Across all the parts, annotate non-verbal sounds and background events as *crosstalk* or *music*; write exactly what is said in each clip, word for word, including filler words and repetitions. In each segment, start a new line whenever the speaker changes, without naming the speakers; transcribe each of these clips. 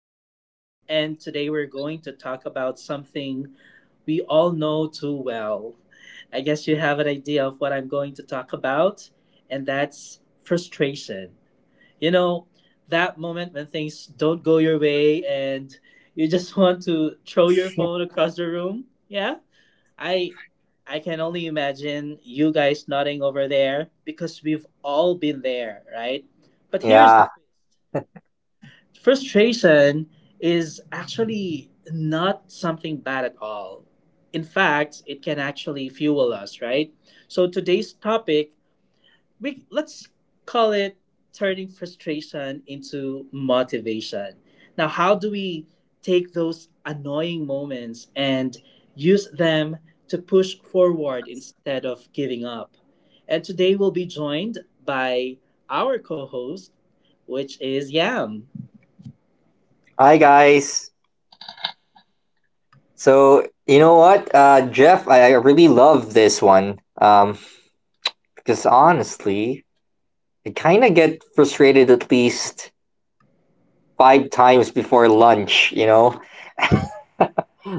session. And today we're going to talk about something we all know too well. I guess you have an idea of what I'm going to talk about, and that's frustration. You know, that moment when things don't go your way and you just *laughs* want to throw your phone across the room. Yeah. I I can only imagine you guys nodding over there because we've all been there, right? But here's the
Yeah.
twist. Frustration is actually not something bad at all. In fact, it can actually fuel us, right? So today's topic, we let's call it turning frustration into motivation. Now, how do we take those annoying moments and use them to push forward instead of giving up? And today we'll be joined by our co-host, which is Yam.
Hi, guys. So you know what, uh, Jeff, I, I really love this one. Um, because honestly, I kind of get frustrated at least five times before lunch. You know,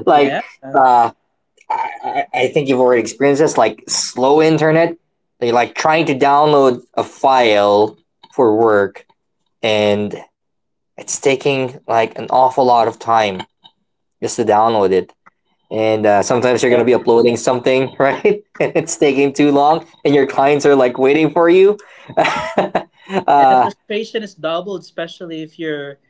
like
Yeah. Uh,
uh, I, I I think you've already experienced this, like slow internet. You're like trying to download a file for work, and it's taking like an awful lot of time just to download it, and uh, sometimes you're going
and
to be uploading something *laughs* right, and it's taking too long, and your clients are like waiting for you. *laughs*
the
uh,
frustration is doubled, especially if you're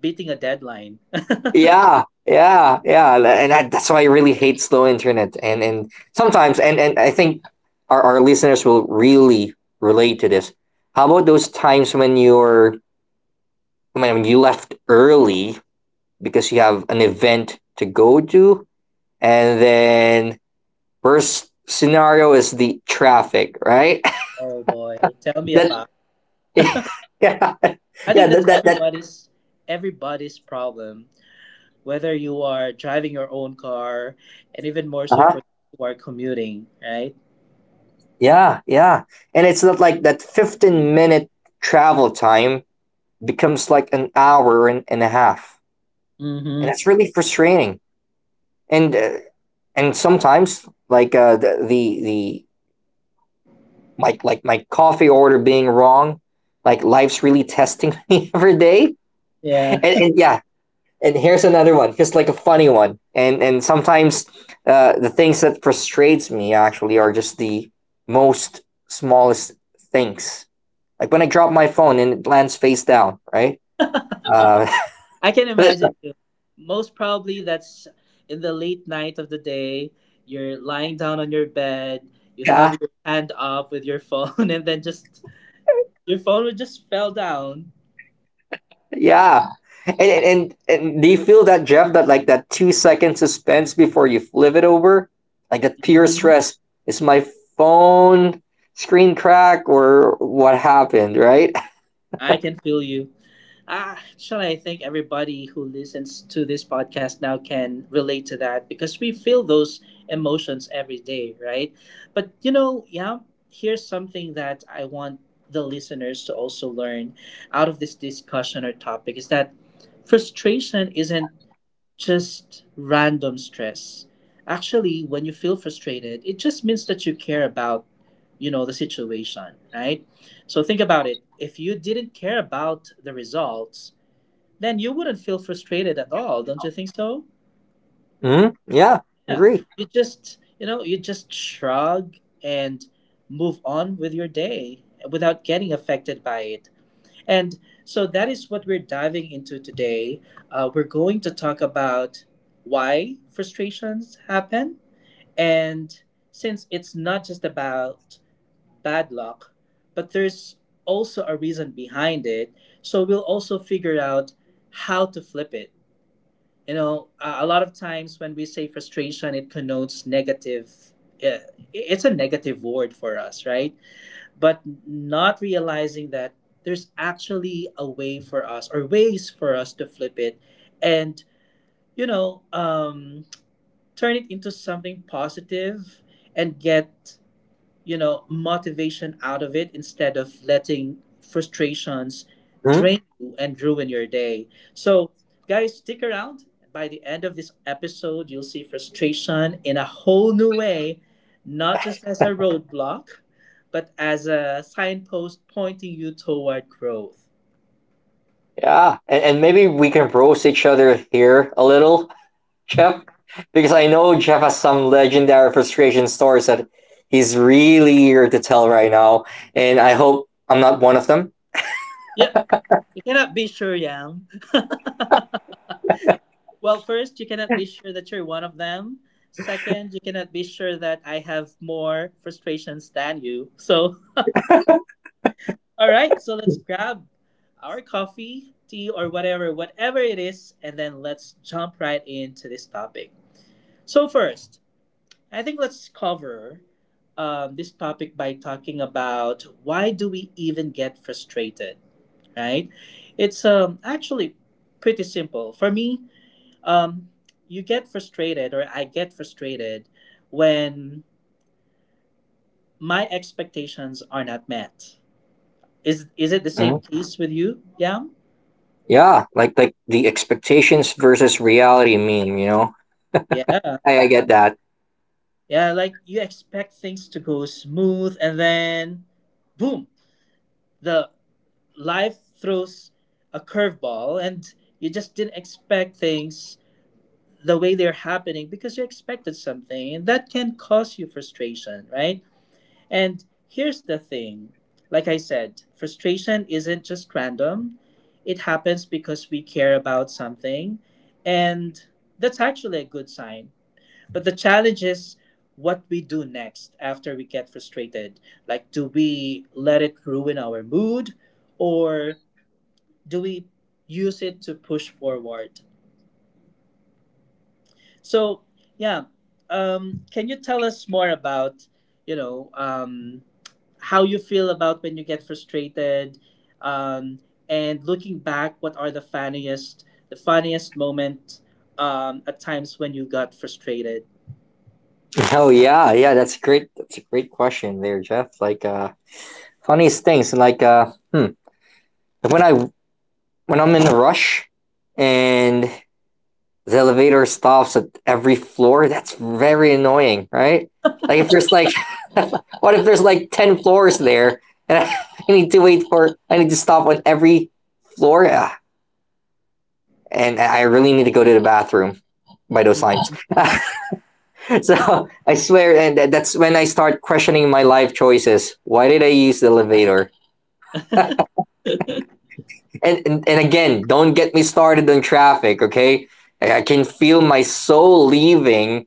beating a deadline. *laughs*
yeah, yeah, yeah, and I, that's why I really hate slow internet, and and sometimes, and and I think our, our listeners will really relate to this. How about those times when you're when you left early because you have an event to go to, and then worst scenario is the traffic, right?
Oh boy, tell
*laughs*
me
That.
about it.
*laughs* Yeah,
I
yeah.
think that's
That that, that
everybody's everybody's problem, whether you are driving your own car, and even more so
Uh-huh.
for those who are commuting, right?
Yeah, yeah, and it's not like that fifteen minute travel time becomes like an hour and, and a half, and that's
Mm-hmm.
really frustrating. And uh, and sometimes like uh, the the the like like my coffee order being wrong, like life's really testing *laughs* me every day.
Yeah,
And, and yeah, and here's another one, just like a funny one, and and sometimes uh, the things that frustrates me actually are just the most smallest things, like when I drop my phone and it lands face down, right? uh,
*laughs* I can
*laughs*
imagine you. Most probably, that's in the late night of the day. You're lying down on your bed. You have
yeah,
your hand up with your phone, *laughs* and then just your phone would just fell down.
yeah. And, and and do you feel that, Jeff, that like that two second suspense before you flip it over, like that pure
Hmm.
stress, is my phone screen crack or what happened, right?
I can feel you. Ah, actually, I think everybody who listens to this podcast now can relate to that because we feel those emotions every day, right? But you know, yeah, here's something that I want the listeners to also learn out of this discussion or topic is that frustration isn't just random stress. Actually, when you feel frustrated, it just means that you care about, you know, the situation, right? So think about it. If you didn't care about the results, then you wouldn't feel frustrated at all, don't you think so?
*laughs* Hmm. Yeah.
Yeah.
Agree.
You just, you know, you just shrug and move on with your day without getting affected by it. And so that is what we're diving into today. Uh, we're going to talk about why frustrations happen. And since it's not just about bad luck, but there's also a reason behind it. So we'll also figure out how to flip it. You know, a a lot of times when we say frustration, it connotes negative. uh, It's a negative word for us, right? But not realizing that there's actually a way for us or ways for us to flip it and you know um, turn it into something positive and get, you know, motivation out of it instead of letting frustrations
Hmm.
drain you and ruin your day. So, guys, stick around. By the end of this episode, you'll see frustration in a whole new way, not just as a roadblock, but as a signpost pointing you toward growth.
Yeah, and, and maybe we can roast each other here a little, Jeff, because I know Jeff has some legendary frustration stories that he's really eager to tell right now, and I hope I'm not one of them.
Yep, you cannot be sure, Yam. *laughs* Well, first, you cannot be sure that you're one of them. Second, you cannot be sure that I have more frustrations than you. So, *laughs* all right, so let's grab our coffee, tea, or whatever, whatever it is, and then let's jump right into this topic. So, first, I think let's cover um, this topic by talking about why do we even get frustrated, right? It's um, actually pretty simple. For me, Um, you get frustrated, or I get frustrated, when my expectations are not met. Is is it the same
Mhm.
case with you? Yeah,
Yeah, like like the expectations versus reality meme, you know.
yeah,
I, I get that.
yeah. Like you expect things to go smooth, and then, boom, the life throws a curveball, and you just didn't expect things the way they're happening because you expected something, and that can cause you frustration, right? And here's the thing, like I said, frustration isn't just random, it happens because we care about something. And that's actually a good sign. But the challenge is what we do next after we get frustrated. Like, do we let it ruin our mood or do we use it to push forward? So, yeah. Um, can you tell us more about, you know, um, how you feel about when you get frustrated, um, and looking back, what are the funniest the funniest moment, um, at times when you got frustrated?
*laughs* Oh, yeah, yeah, that's great. That's a great question there, Jeff. Like uh, funniest things, like uh, hmm, when I when I'm in a rush, and the elevator stops at every floor. That's very annoying, right? Like, if there's like, *laughs* what if there's like ten floors there, and *laughs* I need to wait for, I need to stop on every floor. Ah, and I really need to go to the bathroom by those signs.
Mhm.
*laughs* So I swear, and that's when I start questioning my life choices. Why did I use the elevator?
*laughs*
And and, and again, don't get me started on traffic, okay? I I can feel my soul leaving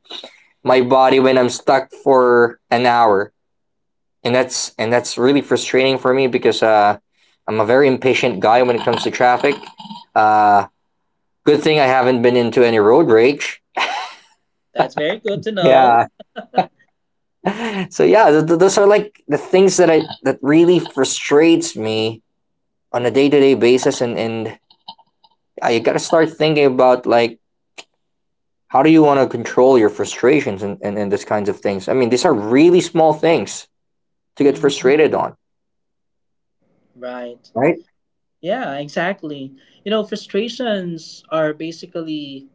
my body when I'm stuck for an hour, and that's and that's really frustrating for me because uh, I'm a very impatient guy when it comes to traffic. Uh, Good thing I haven't been into any road rage.
That's very good to know.
Yeah. So yeah, th- th- those are like the things that I that really frustrates me on a day to day basis, and and uh, you gotta start thinking about like how do you want to control your frustrations, and, and and these kinds of things. I mean, these are really small things to get
Mhm.
frustrated on,
Right,
right?
yeah, exactly. You know, frustrations are basically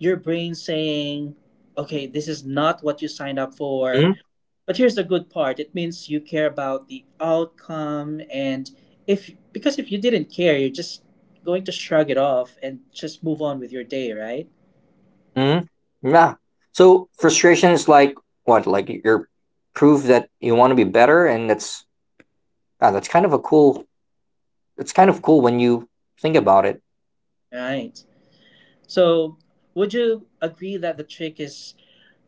your brain saying, okay, this is not what you signed up for.
Mhm.
But here's the good part. It means you care about the outcome and if because if you didn't care, you're just going to shrug it off and just move on with your day, right?
Mm, yeah. So frustration is like what? Like, you're proof that you want to be better, and that's ah, that's kind of a cool. It's kind of cool when you think about it.
Right. So, would you agree that the trick is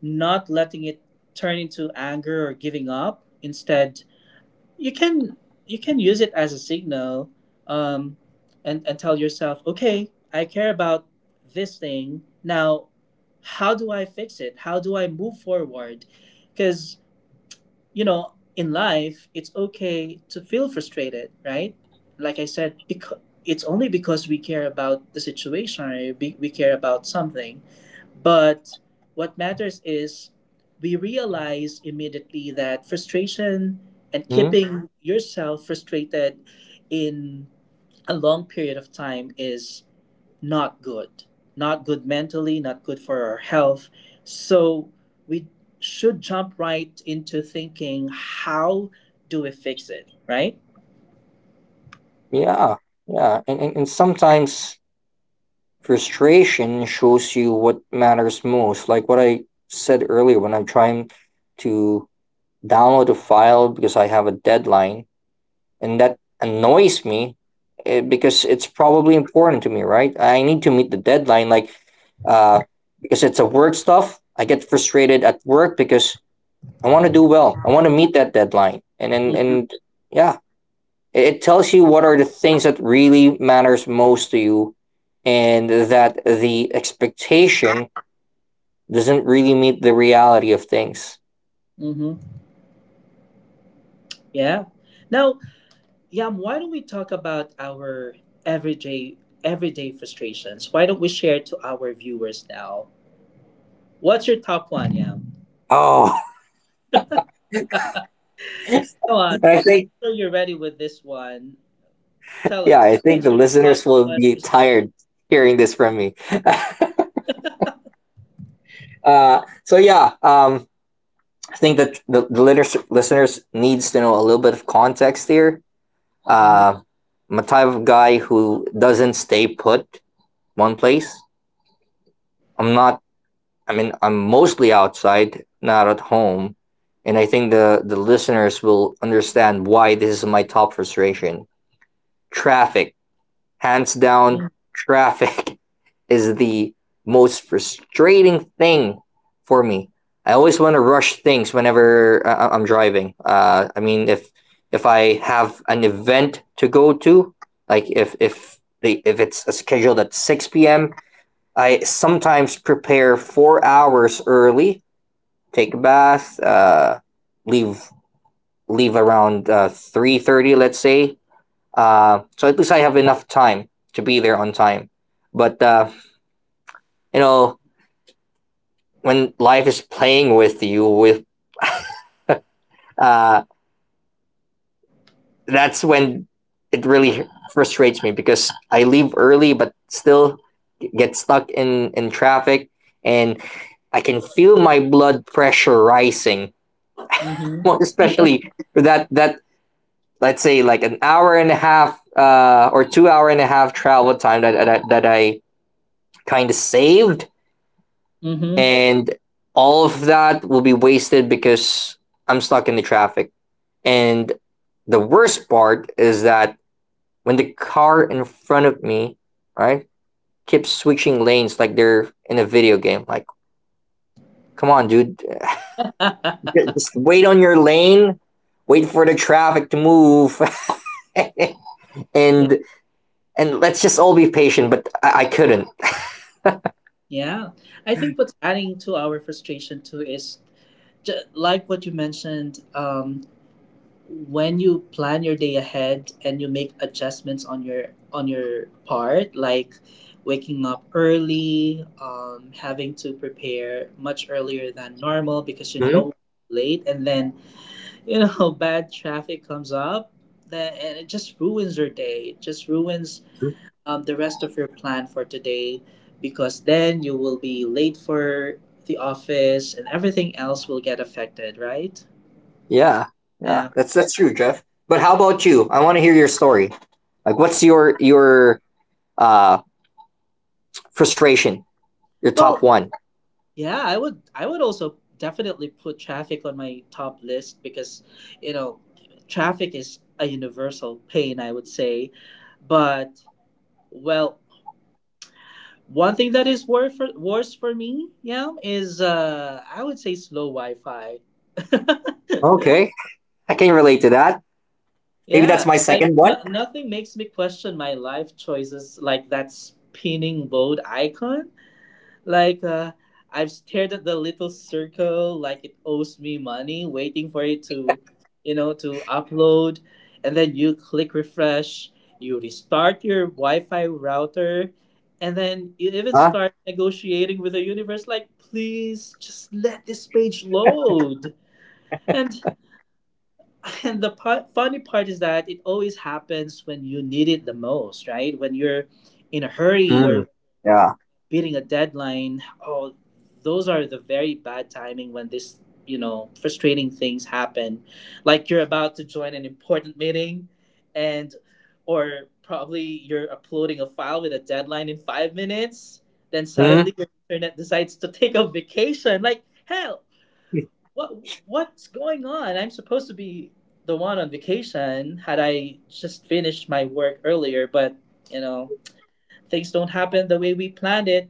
not letting it turn into anger or giving up? Instead, you can you can use it as a signal, um, and and tell yourself, okay, I care about this thing, now how do I fix it, how do I move forward? Because, you know, in life, it's okay to feel frustrated, right? Like I said, because it's only because we care about the situation, right? We, we care about something. But what matters is we realize immediately that frustration, and
Mm,
keeping yourself frustrated in a long period of time, is not good. Not good mentally, not good for our health. So we should jump right into thinking how do we fix it, right?
yeah, yeah. And, and and sometimes frustration shows you what matters most. Like what I said earlier, when I'm trying to download a file because I have a deadline, and that annoys me, eh, because it's probably important to me, right? I need to meet the deadline, like uh because it's a work stuff. I get frustrated at work because I want to do well. I want to meet that deadline, and and,
Mm-hmm.
and yeah, it, it tells you what are the things that really matters most to you, and that the expectation doesn't really meet the reality of things.
Mm-hmm. Yeah. Now, Yam, why don't we talk about our everyday everyday frustrations? Why don't we share to our viewers now? What's your top one, Yam?
Oh.
Go on.
*laughs* I
I'm
think
sure you're ready with this one. Tell
Yeah, I
us,
think
what's
the
your
listeners
top
will
one
be
frustration?
tired hearing this from me. *laughs* Uh, so yeah, um, I think that the, the litters- listeners needs to know a little bit of context here.
Mm-hmm.
Uh, I'm a type of guy who doesn't stay put one place. I'm not. I mean, I'm mostly outside, not at home, and I think the the listeners will understand why this is my top frustration. Traffic, hands
Mm-hmm.
down, traffic *laughs* is the most frustrating thing for me. I always want to rush things whenever I- I'm driving. Uh, I mean, if if I have an event to go to, like if if the if it's scheduled at six p m, I sometimes prepare four hours early, take a bath, uh, leave leave around uh, three thirty, let's say. Uh, so at least I have enough time to be there on time. But uh, you know, when life is playing with you with uh, that's when it really frustrates me because I leave early but still get stuck in in traffic, and I can feel my blood pressure rising.
Mm-hmm.
Well, especially that that, let's say, like an hour and a half uh, or two hour and a half travel time that that, that I kind of saved,
Mm-hmm.
and all of that will be wasted because I'm stuck in the traffic. And the worst part is that when the car in front of me, right, keeps switching lanes like they're in a video game. Like, come on, dude, *laughs* just
*laughs*
wait on your lane, wait for the traffic to move. *laughs*
Yeah,
and and let's just all be patient. But I, I couldn't.
yeah. I think what's adding to our frustration too is ju- like what you mentioned. Um, when you plan your day ahead and you make adjustments on your on your part, like waking up early, um, having to prepare much earlier than normal because you
Mm-hmm.
don't late, and then, you know, *laughs* bad traffic comes up, then and it just ruins your day. It just ruins, um, the rest of your plan for today, because then you will be late for the office and everything else will get affected, right?
Yeah, yeah,
Yeah.
that's that's true, Jeff. But how about you? I want to hear your story. Like, what's your your uh frustration? Your top
Well,
one?
yeah, I would, I would also definitely put traffic on my top list because, you know, traffic is a universal pain, I would say. But well, one thing that is worse for, worse for me, yeah, is uh I would say slow Wi-Fi. *laughs*
Okay, I can relate to that. Maybe
Yeah,
that's my
like
second one.
no, nothing makes me question my life choices like that spinning boat icon. Like uh, I've stared at the little circle like it owes me money, waiting for it to, you know, to upload, and then you click refresh, you restart your Wi-Fi router, and then you even
Huh?
start negotiating with the universe like, please just let this page load. And *laughs* and the part, funny part is that it always happens when you need it the most, right? When you're in a hurry
Mm.
or
Yeah.
beating a deadline. Oh, those are the very bad timing when this, you know, frustrating things happen. Like you're about to join an important meeting and or probably you're uploading a file with a deadline in five minutes, then
Mm.
suddenly your internet decides to take a vacation. Like, hell, what what's going on? I'm supposed to be the one on vacation had I just finished my work earlier, but you know, things don't happen the way we planned it.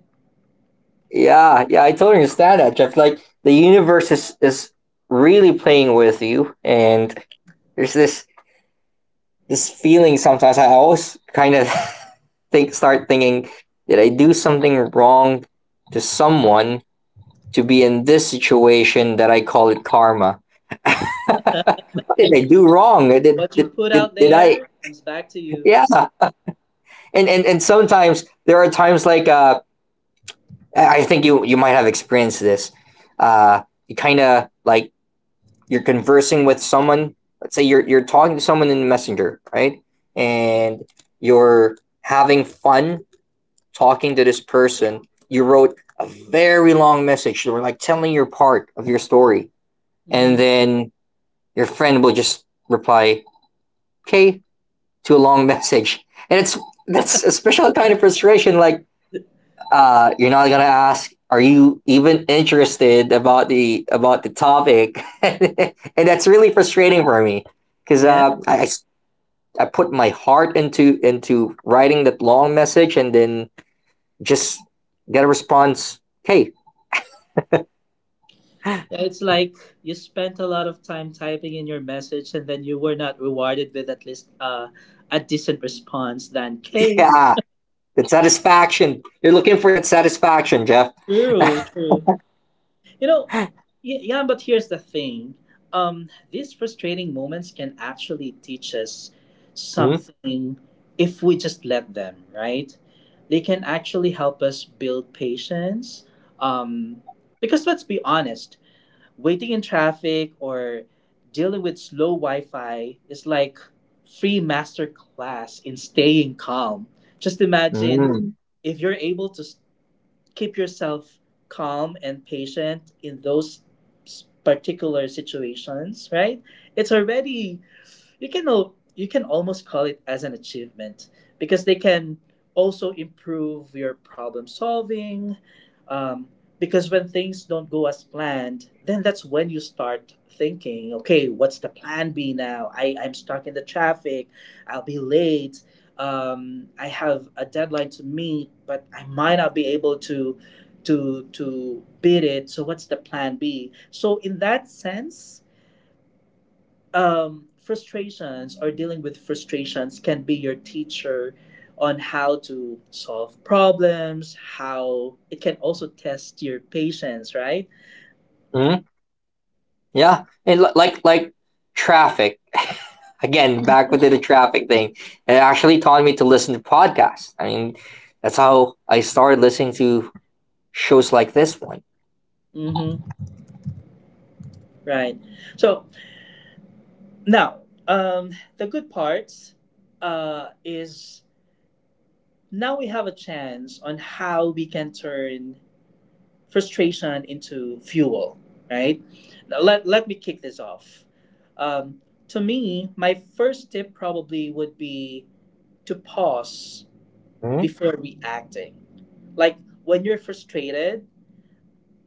Yeah, yeah, I totally understand that, Jeff. Like, the universe is is really playing with you, and there's this this feeling sometimes. I always kind of *laughs* think start thinking, did I do something wrong to someone to be in this situation that I call it karma? What did I do wrong? Did
What you
did
put
did,
out
did I?
there comes back to you.
Yeah, and and and sometimes there are times like uh I think you you might have experienced this. Uh, you kind of like you're conversing with someone. Let's say you're you're talking to someone in Messenger, right? And you're having fun talking to this person. You wrote a very long message. You were like telling your part of your story, and
Hmm.
then your friend will just reply, "Okay," to a long *laughs* message, and it's that's a special kind of frustration. Like, uh, you're not gonna ask, "Are you even interested about the about the topic?" *laughs* And that's really frustrating for me because
Yeah.
uh, I, I s- I put my heart into into writing that long message and then just get a response. Hey,
Yeah, it's like you spent a lot of time typing in your message and then you were not rewarded with at least uh, a decent response than,
*laughs*
K.
yeah, the satisfaction. You're looking for that satisfaction, Jeff.
True, true. You know, y- yeah, but here's the thing. Um, these frustrating moments can actually teach us something if we just let them, right? They can actually help us build patience. Um, because let's be honest, waiting in traffic or dealing with slow Wi Fi is like free master class in staying calm. Just imagine
Mm-hmm.
if you're able to keep yourself calm and patient in those particular situations, right? It's already, you can al- you can almost call it as an achievement because they can also improve your problem solving, um, because when things don't go as planned, then that's when you start thinking, okay, what's the plan B now? I, I'm stuck in the traffic, I'll be late, um, I have a deadline to meet but I might not be able to to to beat it, so what's the plan B? So in that sense, um, frustrations or dealing with frustrations can be your teacher on how to solve problems, how it can also test your patience, right?
Yeah, and li- like like traffic, *laughs* again back with the traffic thing, it actually taught me to listen to podcasts. I mean, that's how I started listening to shows like this one.
Mm-hmm. Right. So now, um, the good parts uh, is now we have a chance on how we can turn frustration into fuel, right? Now, let, let me kick this off. Um, to me, my first tip probably would be to pause
Mm-hmm.
before reacting. Like when you're frustrated,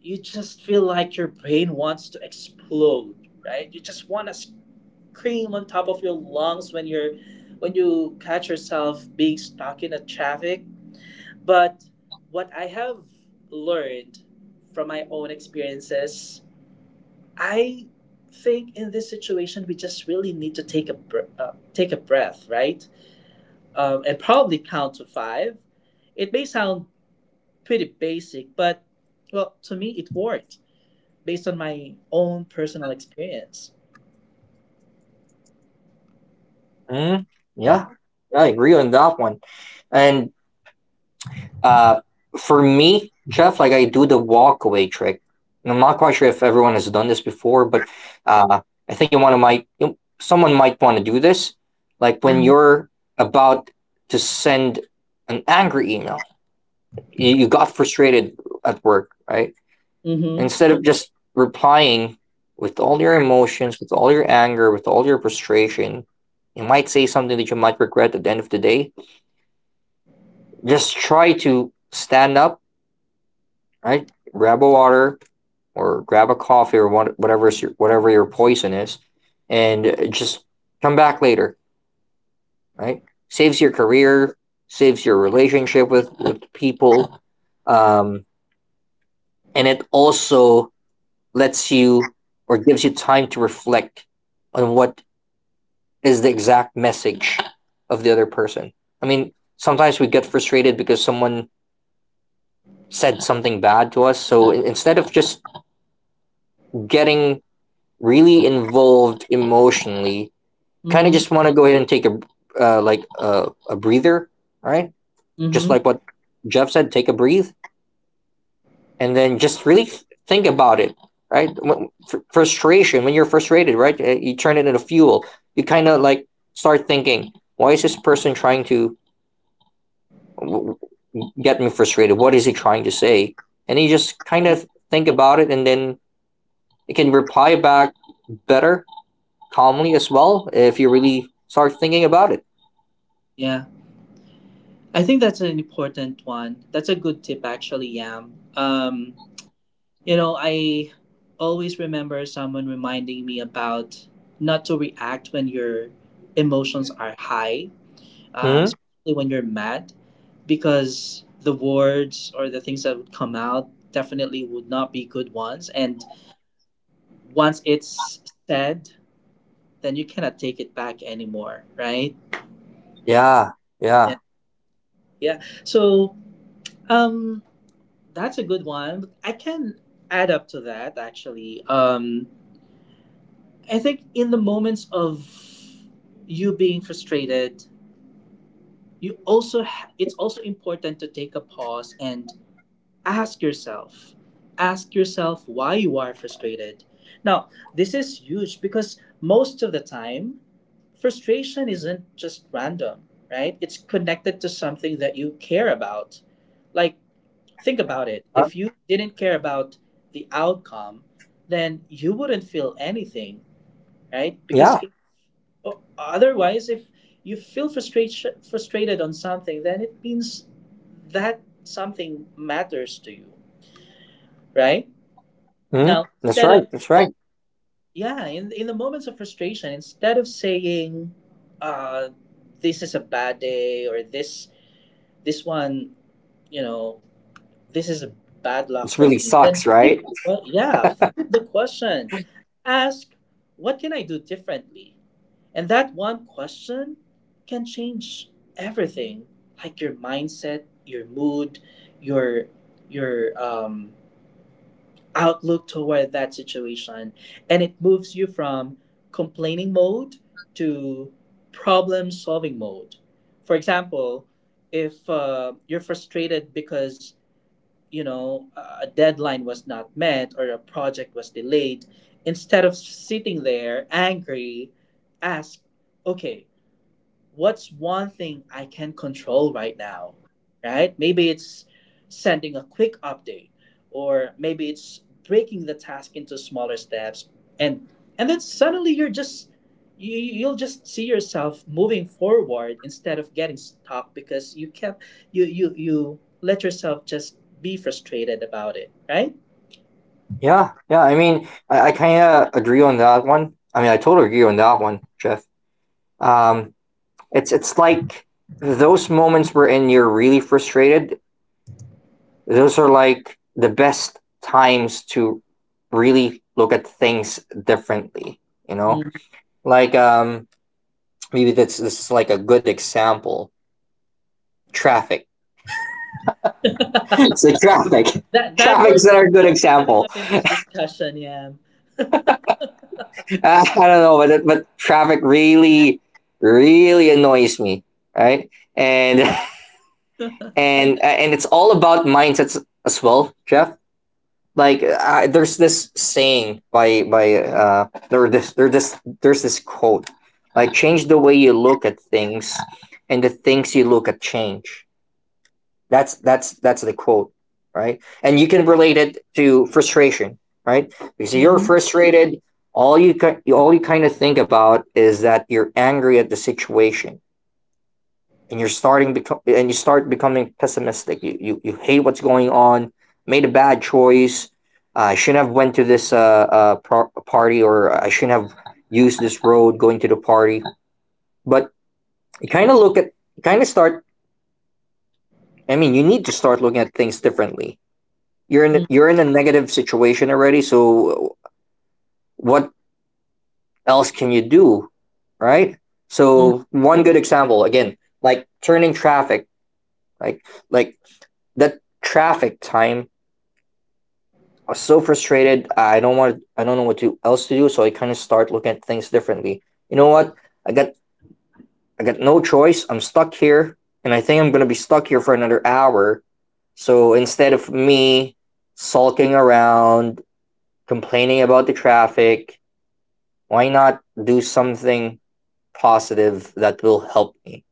you just feel like your brain wants to explode, right? You just want to scream on top of your lungs when you're when you catch yourself being stuck in a traffic. But what I have learned from my own experiences, I think in this situation we just really need to take a br- uh, take a breath, right? Um, and probably count to five. It may sound pretty basic, but well, to me, it worked based on my own personal experience.
Mm-hmm. Yeah, I agree on that one, and Uh, for me, Jeff, like, I do the walkaway trick. And I'm not quite sure if everyone has done this before, but uh, I think you want to might you- someone might want to do this. Like when
Mm-hmm.
you're about to send an angry email, you, you got frustrated at work, right?
Mm-hmm.
Instead of just replying with all your emotions, with all your anger, with all your frustration, you might say something that you might regret at the end of the day. Just try to stand up, right? Grab a water or grab a coffee or what- whatever your, whatever your poison is, and just come back later, right? Saves your career, saves your relationship with with people, um, and it also lets you or gives you time to reflect on what is the exact message of the other person. I mean, sometimes we get frustrated because someone said something bad to us. So instead of just getting really involved emotionally, kind of
Mm-hmm.
just want to go ahead and take a, uh, like a, a breather, all right? Just
Mm-hmm.
like what Jeff said, take a breathe, and then just really th- think about it, right? When, fr- frustration When you're frustrated, right? uh, You turn it into fuel. You kind of like start thinking, why is this person trying to w- w- get me frustrated? What is he trying to say? And you just kind
Yeah.
of think about it, and then you can reply back better, calmly as well, if you really start thinking about it.
yeah. I think that's an important one. That's a good tip, actually, Yam. Um, you know, I always remember someone reminding me about not to react when your emotions are high, um,
Hmm.
especially when you're mad, because the words or the things that would come out definitely would not be good ones. And once it's said, then you cannot take it back anymore, right?
Yeah,
Yeah.
yeah.
yeah. So um, that's a good one. I can add up to that actually. Um, I think in the moments of you being frustrated, you also ha- it's also important to take a pause and ask yourself ask yourself why you are frustrated now. This is huge because most of the time frustration isn't just random, right? It's connected to something that you care about. Like think about it,
Uh,
if you didn't care about the outcome, then you wouldn't feel anything, right? because
yeah.
if, o- otherwise if you feel frustration frustrated on something, then it means that something matters to you, right?
Hmm.
Now,
That's
instead
right.
of
That's right.
yeah, in in the moments of frustration, instead of saying, uh, "This is a bad day" or "This this one," you know, "This is a bad luck
This
for
really
me," then
sucks,
flip,
right?
well, yeah, flip the question. Ask, "What can I do differently?" And that one question can change everything, like your mindset, your mood, your your um outlook toward that situation. And it moves you from complaining mode to problem solving mode. For example, if uh, you're frustrated because, you know, a deadline was not met or a project was delayed, instead of sitting there angry, ask, okay, what's one thing I can control right now, right? Maybe it's sending a quick update, or maybe it's breaking the task into smaller steps, and and then suddenly you're just you, you'll just see yourself moving forward instead of getting stuck because you kept you you you let yourself just be frustrated about it, right?
Yeah, yeah. I mean, I, I kind of agree on that one. I mean, I totally agree on that one, Jeff. Um, it's it's like those moments wherein you're really frustrated. Those are like the best times to really look at things differently. You know,
Mm.
like um, maybe that's this is like a good example traffic.
*laughs* that
So traffic, *laughs*
that
traffic's
word
another good
coming
example.
up in
*laughs*
this discussion, yeah. *laughs*
Uh, I don't know, but but traffic really, really annoys me, right? And *laughs* and uh, and it's all about mindsets as well, Jeff. Like I, there's this saying by by uh there this there this there's this quote like change the way you look at things, and the things you look at change. That's that's that's the quote, right? And you can relate it to frustration, right? Because if you're
Mhm.
frustrated, all you all you kind of think about is that you're angry at the situation, and you're starting become and you start becoming pessimistic. You you, you hate what's going on. Made a bad choice. Uh, I shouldn't have went to this uh, uh par- party, or I shouldn't have used this road going to the party. But you kind of look at, you kind of start. I mean, you need to start looking at things differently. You're in you're in a negative situation already, so what else can you do, right?
Mhm.
So one good example again, like turning traffic, like like that traffic time. I was so frustrated. I don't want. I don't know what to else to do. So I kind of start looking at things differently. You know what? I got I got no choice. I'm stuck here, and I think I'm gonna be stuck here for another hour. So instead of me sulking around, complaining about the traffic, why not do something positive that will help me?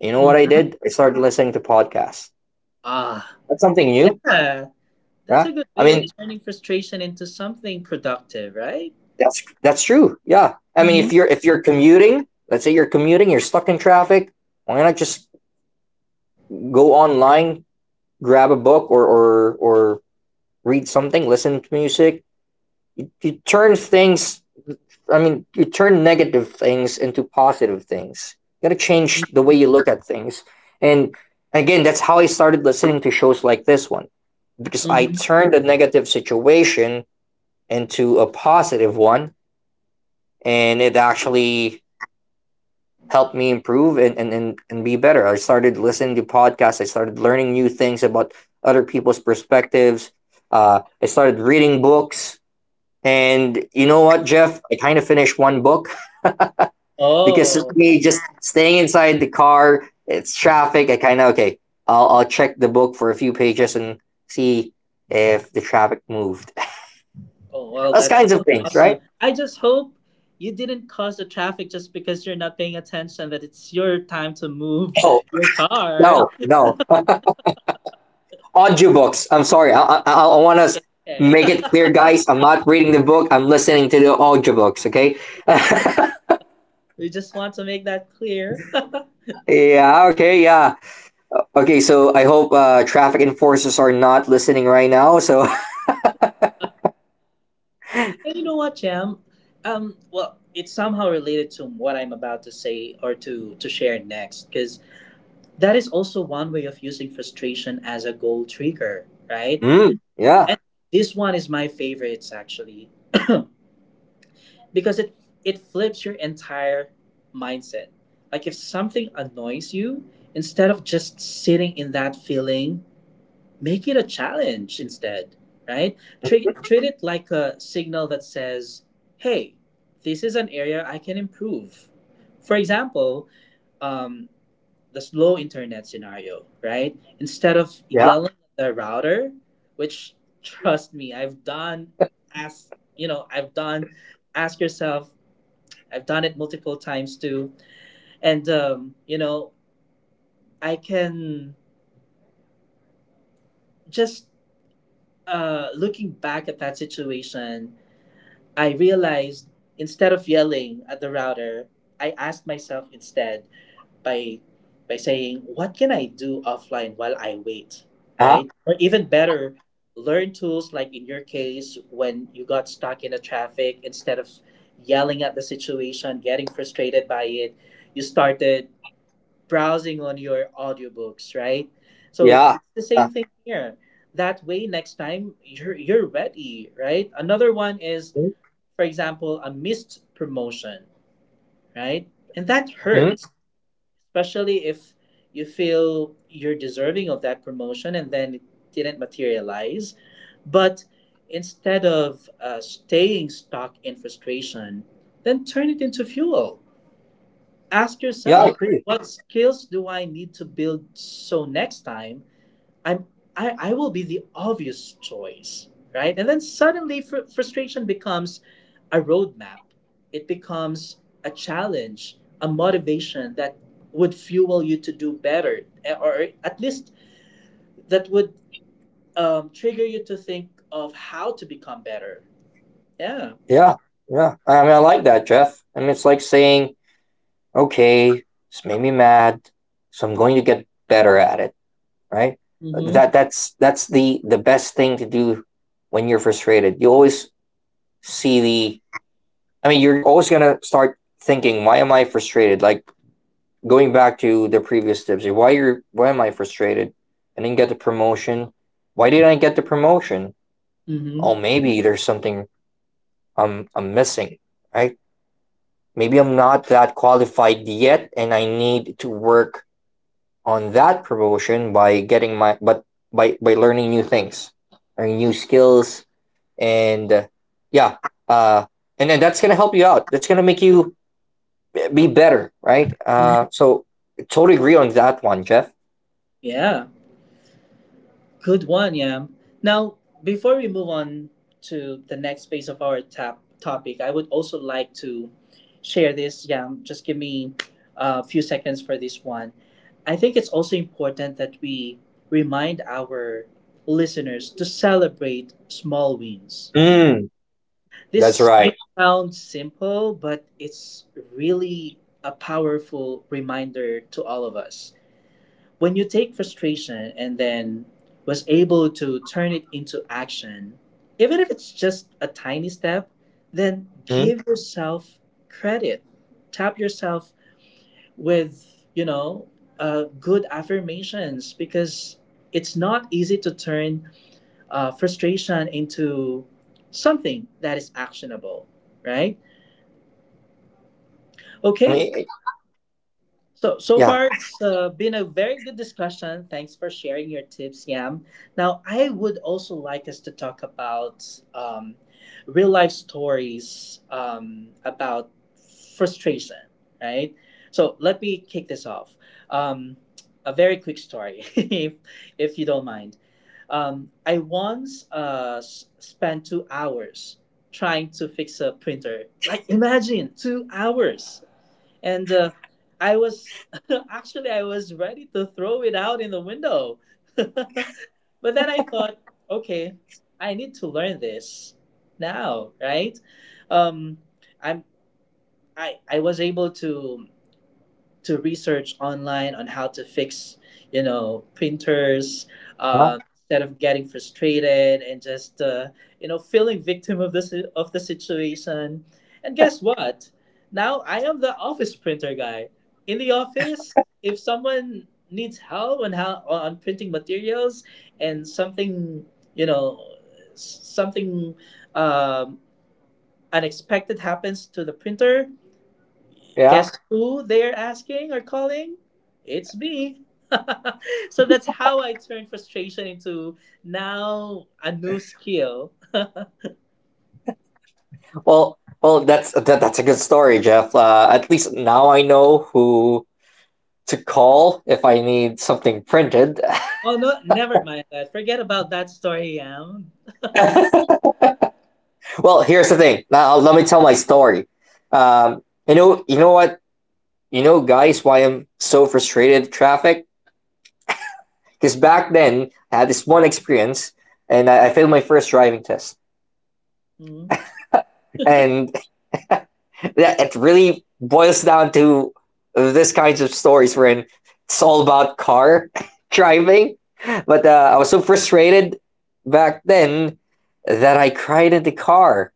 You know what I did? I started listening to podcasts.
Ah,
That's something new.
yeah. That's
Yeah.
a good
I
way of
mean,
turning frustration into something productive, right?
that's that's true. Yeah. I mean, if
Mm-hmm.
you're if you're commuting, let's say you're commuting, you're stuck in traffic, why not just go online, grab a book or or or read something, listen to music, you turn things. I mean you turn negative things into positive things. You gotta change the way you look at things, and again that's how I started listening to shows like this one, because I
Mm-hmm.
turned a negative situation into a positive one, and it actually helped me improve and, and, and, and be better. I started listening to podcasts, I started learning new things about other people's perspectives. uh, I started reading books, and you know what, Jeff, I kind of finished one book. Because
Oh,
to me, just staying inside the car, it's traffic. I kind of okay. I'll I'll check the book for a few pages and see if the traffic moved.
oh,
*laughs*
well,
Those
that
kinds of
sounds
things, right?
awesome. I just hope you didn't cause the traffic just because you're not paying attention that it's your time to move
Oh
*laughs* your car.
no, no audiobooks. I'm sorry. I I, I want to
Okay.
make it clear, guys. I'm not reading the book. I'm listening to the audiobooks. Okay. *laughs*
*laughs* We just want to make that clear. *laughs* And
Yeah. Okay. Yeah. Okay. So I hope uh, traffic enforcers are not listening right now. So. *laughs*
you know what, Jam? Um, well, it's somehow related to what I'm about to say or to to share next, because that is also one way of using frustration as a goal trigger, right?
Mm, yeah.
And this one is my favorites actually because it it flips your entire mindset. Like if something annoys you, instead of just sitting in that feeling, make it a challenge instead, right? Treat treat it like a signal that says, "Hey, this is an area I can improve." For example, um, the slow internet scenario, right? Instead of
Yeah.
yelling at the router, which, trust me, I've done, ask you know, I've done ask yourself, I've done it multiple times too. And um, you know, I can just uh looking back at that situation, I realized instead of yelling at the router, I asked myself instead, by by saying, what can I do offline while I wait,
Uh-huh,
right? Or even better, learn tools. Like in your case, when you got stuck in a traffic, instead of yelling at the situation, getting frustrated by it, you started browsing on your audiobooks, right? So
yeah.
it's the same
Uh,
thing here. That way, next time you're you're ready, right? Another one is,
mm,
for example, a missed promotion, right? And that
mm.
hurts, especially if you feel you're deserving of that promotion and then it didn't materialize. But instead of uh, staying stuck in frustration, then turn it into fuel. Ask
Yeah, I
yourself,
agree.
what skills do I need to build so next time I'm I, I will be the obvious choice, right? And then suddenly fr- frustration becomes a roadmap. It becomes a challenge, a motivation that would fuel you to do better, eh, or at least that would um, trigger you to think of how to become better. Yeah.
Yeah, yeah. I mean, I like that, Jeff. I mean, it's like saying, okay, this made me mad, so I'm going to get better at it, right?
Mm-hmm.
That that's that's the the best thing to do when you're frustrated. You always see the. I mean, you're always gonna start thinking, why am I frustrated? Like going back to the previous tips, like, why you're why am I frustrated? I didn't get the promotion. Why didn't I get the promotion? Oh,
Mm-hmm.
maybe there's something I'm I'm missing, right? Maybe I'm not that qualified yet and I need to work on that promotion by getting my but by by learning new things, learning new skills, and uh, yeah. uh and then that's gonna help you out, that's gonna make you be better, right? Uh
Mm-hmm.
so totally agree on that one, Jeff.
Yeah. Good one, Yam. Now, before we move on to the next phase of our tap topic, I would also like to share this, Yam. Just give me a few seconds for this one. I think it's also important that we remind our listeners to celebrate small wins.
Mm. That's
This
right.
may sound simple, but it's really a powerful reminder to all of us. When you take frustration and then was able to turn it into action, even if it's just a tiny step, then
Mhm.
give yourself credit. Tap yourself with, you know, uh, good affirmations because it's not easy to turn uh, frustration into something that is actionable, right?
I mean,
Okay, so so
yeah.
far it's uh, been a very good discussion. Thanks for sharing your tips, Yam. Now I would also like us to talk about um, real life stories um, about frustration, right? So let me kick this off. Um, a very quick story, *laughs* if if you don't mind. Um, I once uh, s- spent two hours trying to fix a printer. Like imagine two hours, and uh, I was *laughs* actually I was ready to throw it out in the window, *laughs* but then I thought, okay, I need to learn this now, right? Um, I'm I I was able to to research online on how to fix, you know, printers,
Huh?
uh, instead of getting frustrated and just, uh, you know, feeling victim of this of the situation. And guess what? Now I am the office printer guy. In the office, if someone needs help on how on printing materials and something, you know, s- something um, unexpected happens to the printer,
Yeah.
guess who they're asking or calling? It's me. *laughs* So that's how I turned frustration into now a new skill.
Well, well that's that, that's a good story, Jeff. Uh at least now I know who to call if I need something printed.
Oh no, never mind that. Forget about that story, Am.
*laughs* Well, here's the thing. Now let me tell my story. Um, you know, you know what, you know, guys, why I'm so frustrated with traffic? Because back then I had this one experience, and I, I failed my first driving test,
Hmm.
and *laughs* that, it really boils down to this kinds of stories wherein it's all about car *laughs* driving. But uh, I was so frustrated back then that I cried in the car,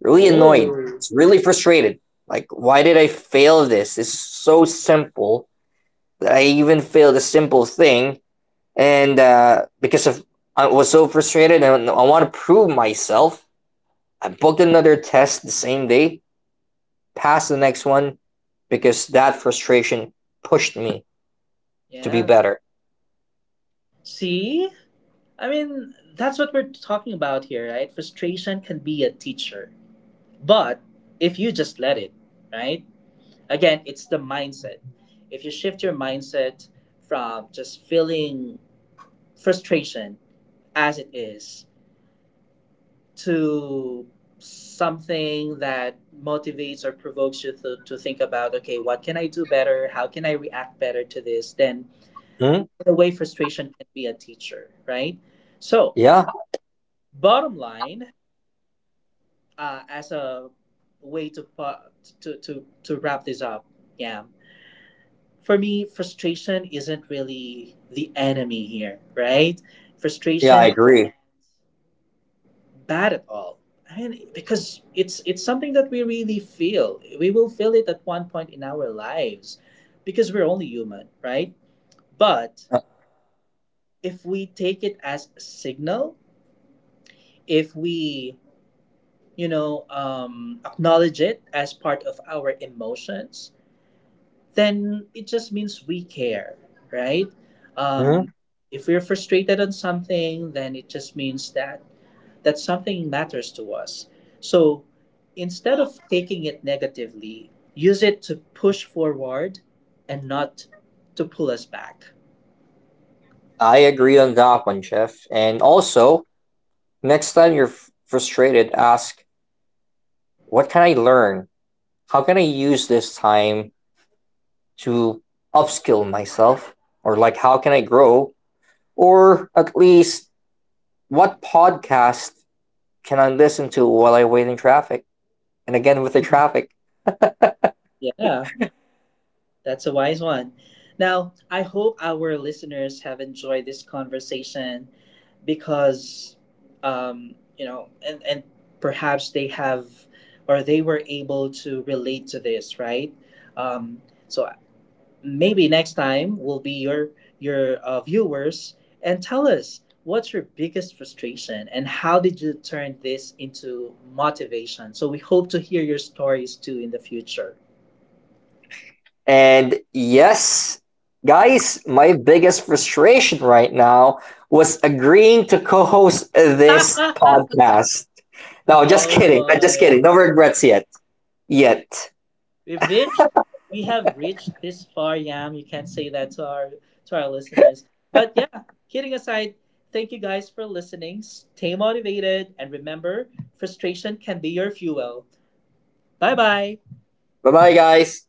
really annoyed.
Whoa.
It's really frustrated. Like, why did I fail this? It's so simple that I even failed a simple thing. And uh, because of I was so frustrated and I want to prove myself, I booked another test the same day, passed the next one because that frustration pushed me to be
Yeah.
better.
See? I mean, that's what we're talking about here, right? Frustration can be a teacher. But if you just let it, right? Again, it's the mindset. If you shift your mindset from just feeling frustration as it is to something that motivates or provokes you to, to think about, okay, what can I do better? How can I react better to this? Then,
Hmm?
in a way, frustration can be a teacher, right? So,
Yeah,
bottom line, uh, as a way to, pa- to to to wrap this up, yeah. For me, frustration isn't really the enemy here, right?
yeah, I
Frustration is
agree.
not bad at all. I mean, because it's it's something that we really feel. We will feel it at one point in our lives, because we're only human, right? But
Uh,
if we take it as a signal, if we you know um, acknowledge it as part of our emotions, then it just means we care, right? Um,
hmm?
if we're frustrated on something, then it just means that that something matters to us. So instead of taking it negatively, use it to push forward and not to pull us back.
I agree on that one, Jeff. And also, next time you're f- frustrated, ask, what can I learn? How can I use this time to upskill myself? Or like how can I grow? Or at least what podcast can I listen to while I wait in traffic? And again with the traffic.
Yeah. That's a wise one. Now, I hope our listeners have enjoyed this conversation because, um, you know, and, and perhaps they have or they were able to relate to this, right? Um, so maybe next time will be your your uh, viewers and tell us what's your biggest frustration and how did you turn this into motivation. So we hope to hear your stories too in the future.
And yes, guys, my biggest frustration right now was agreeing to co-host this
*laughs*
podcast. No, just
Oh
kidding. Just kidding.
boy,
No regrets yet. Yet.
we've reached, we have reached this far, Yam. You can't say that to our to our listeners. But yeah, kidding aside, thank you guys for listening. Stay motivated and remember, frustration can be your fuel. Bye bye.
Bye-bye, guys.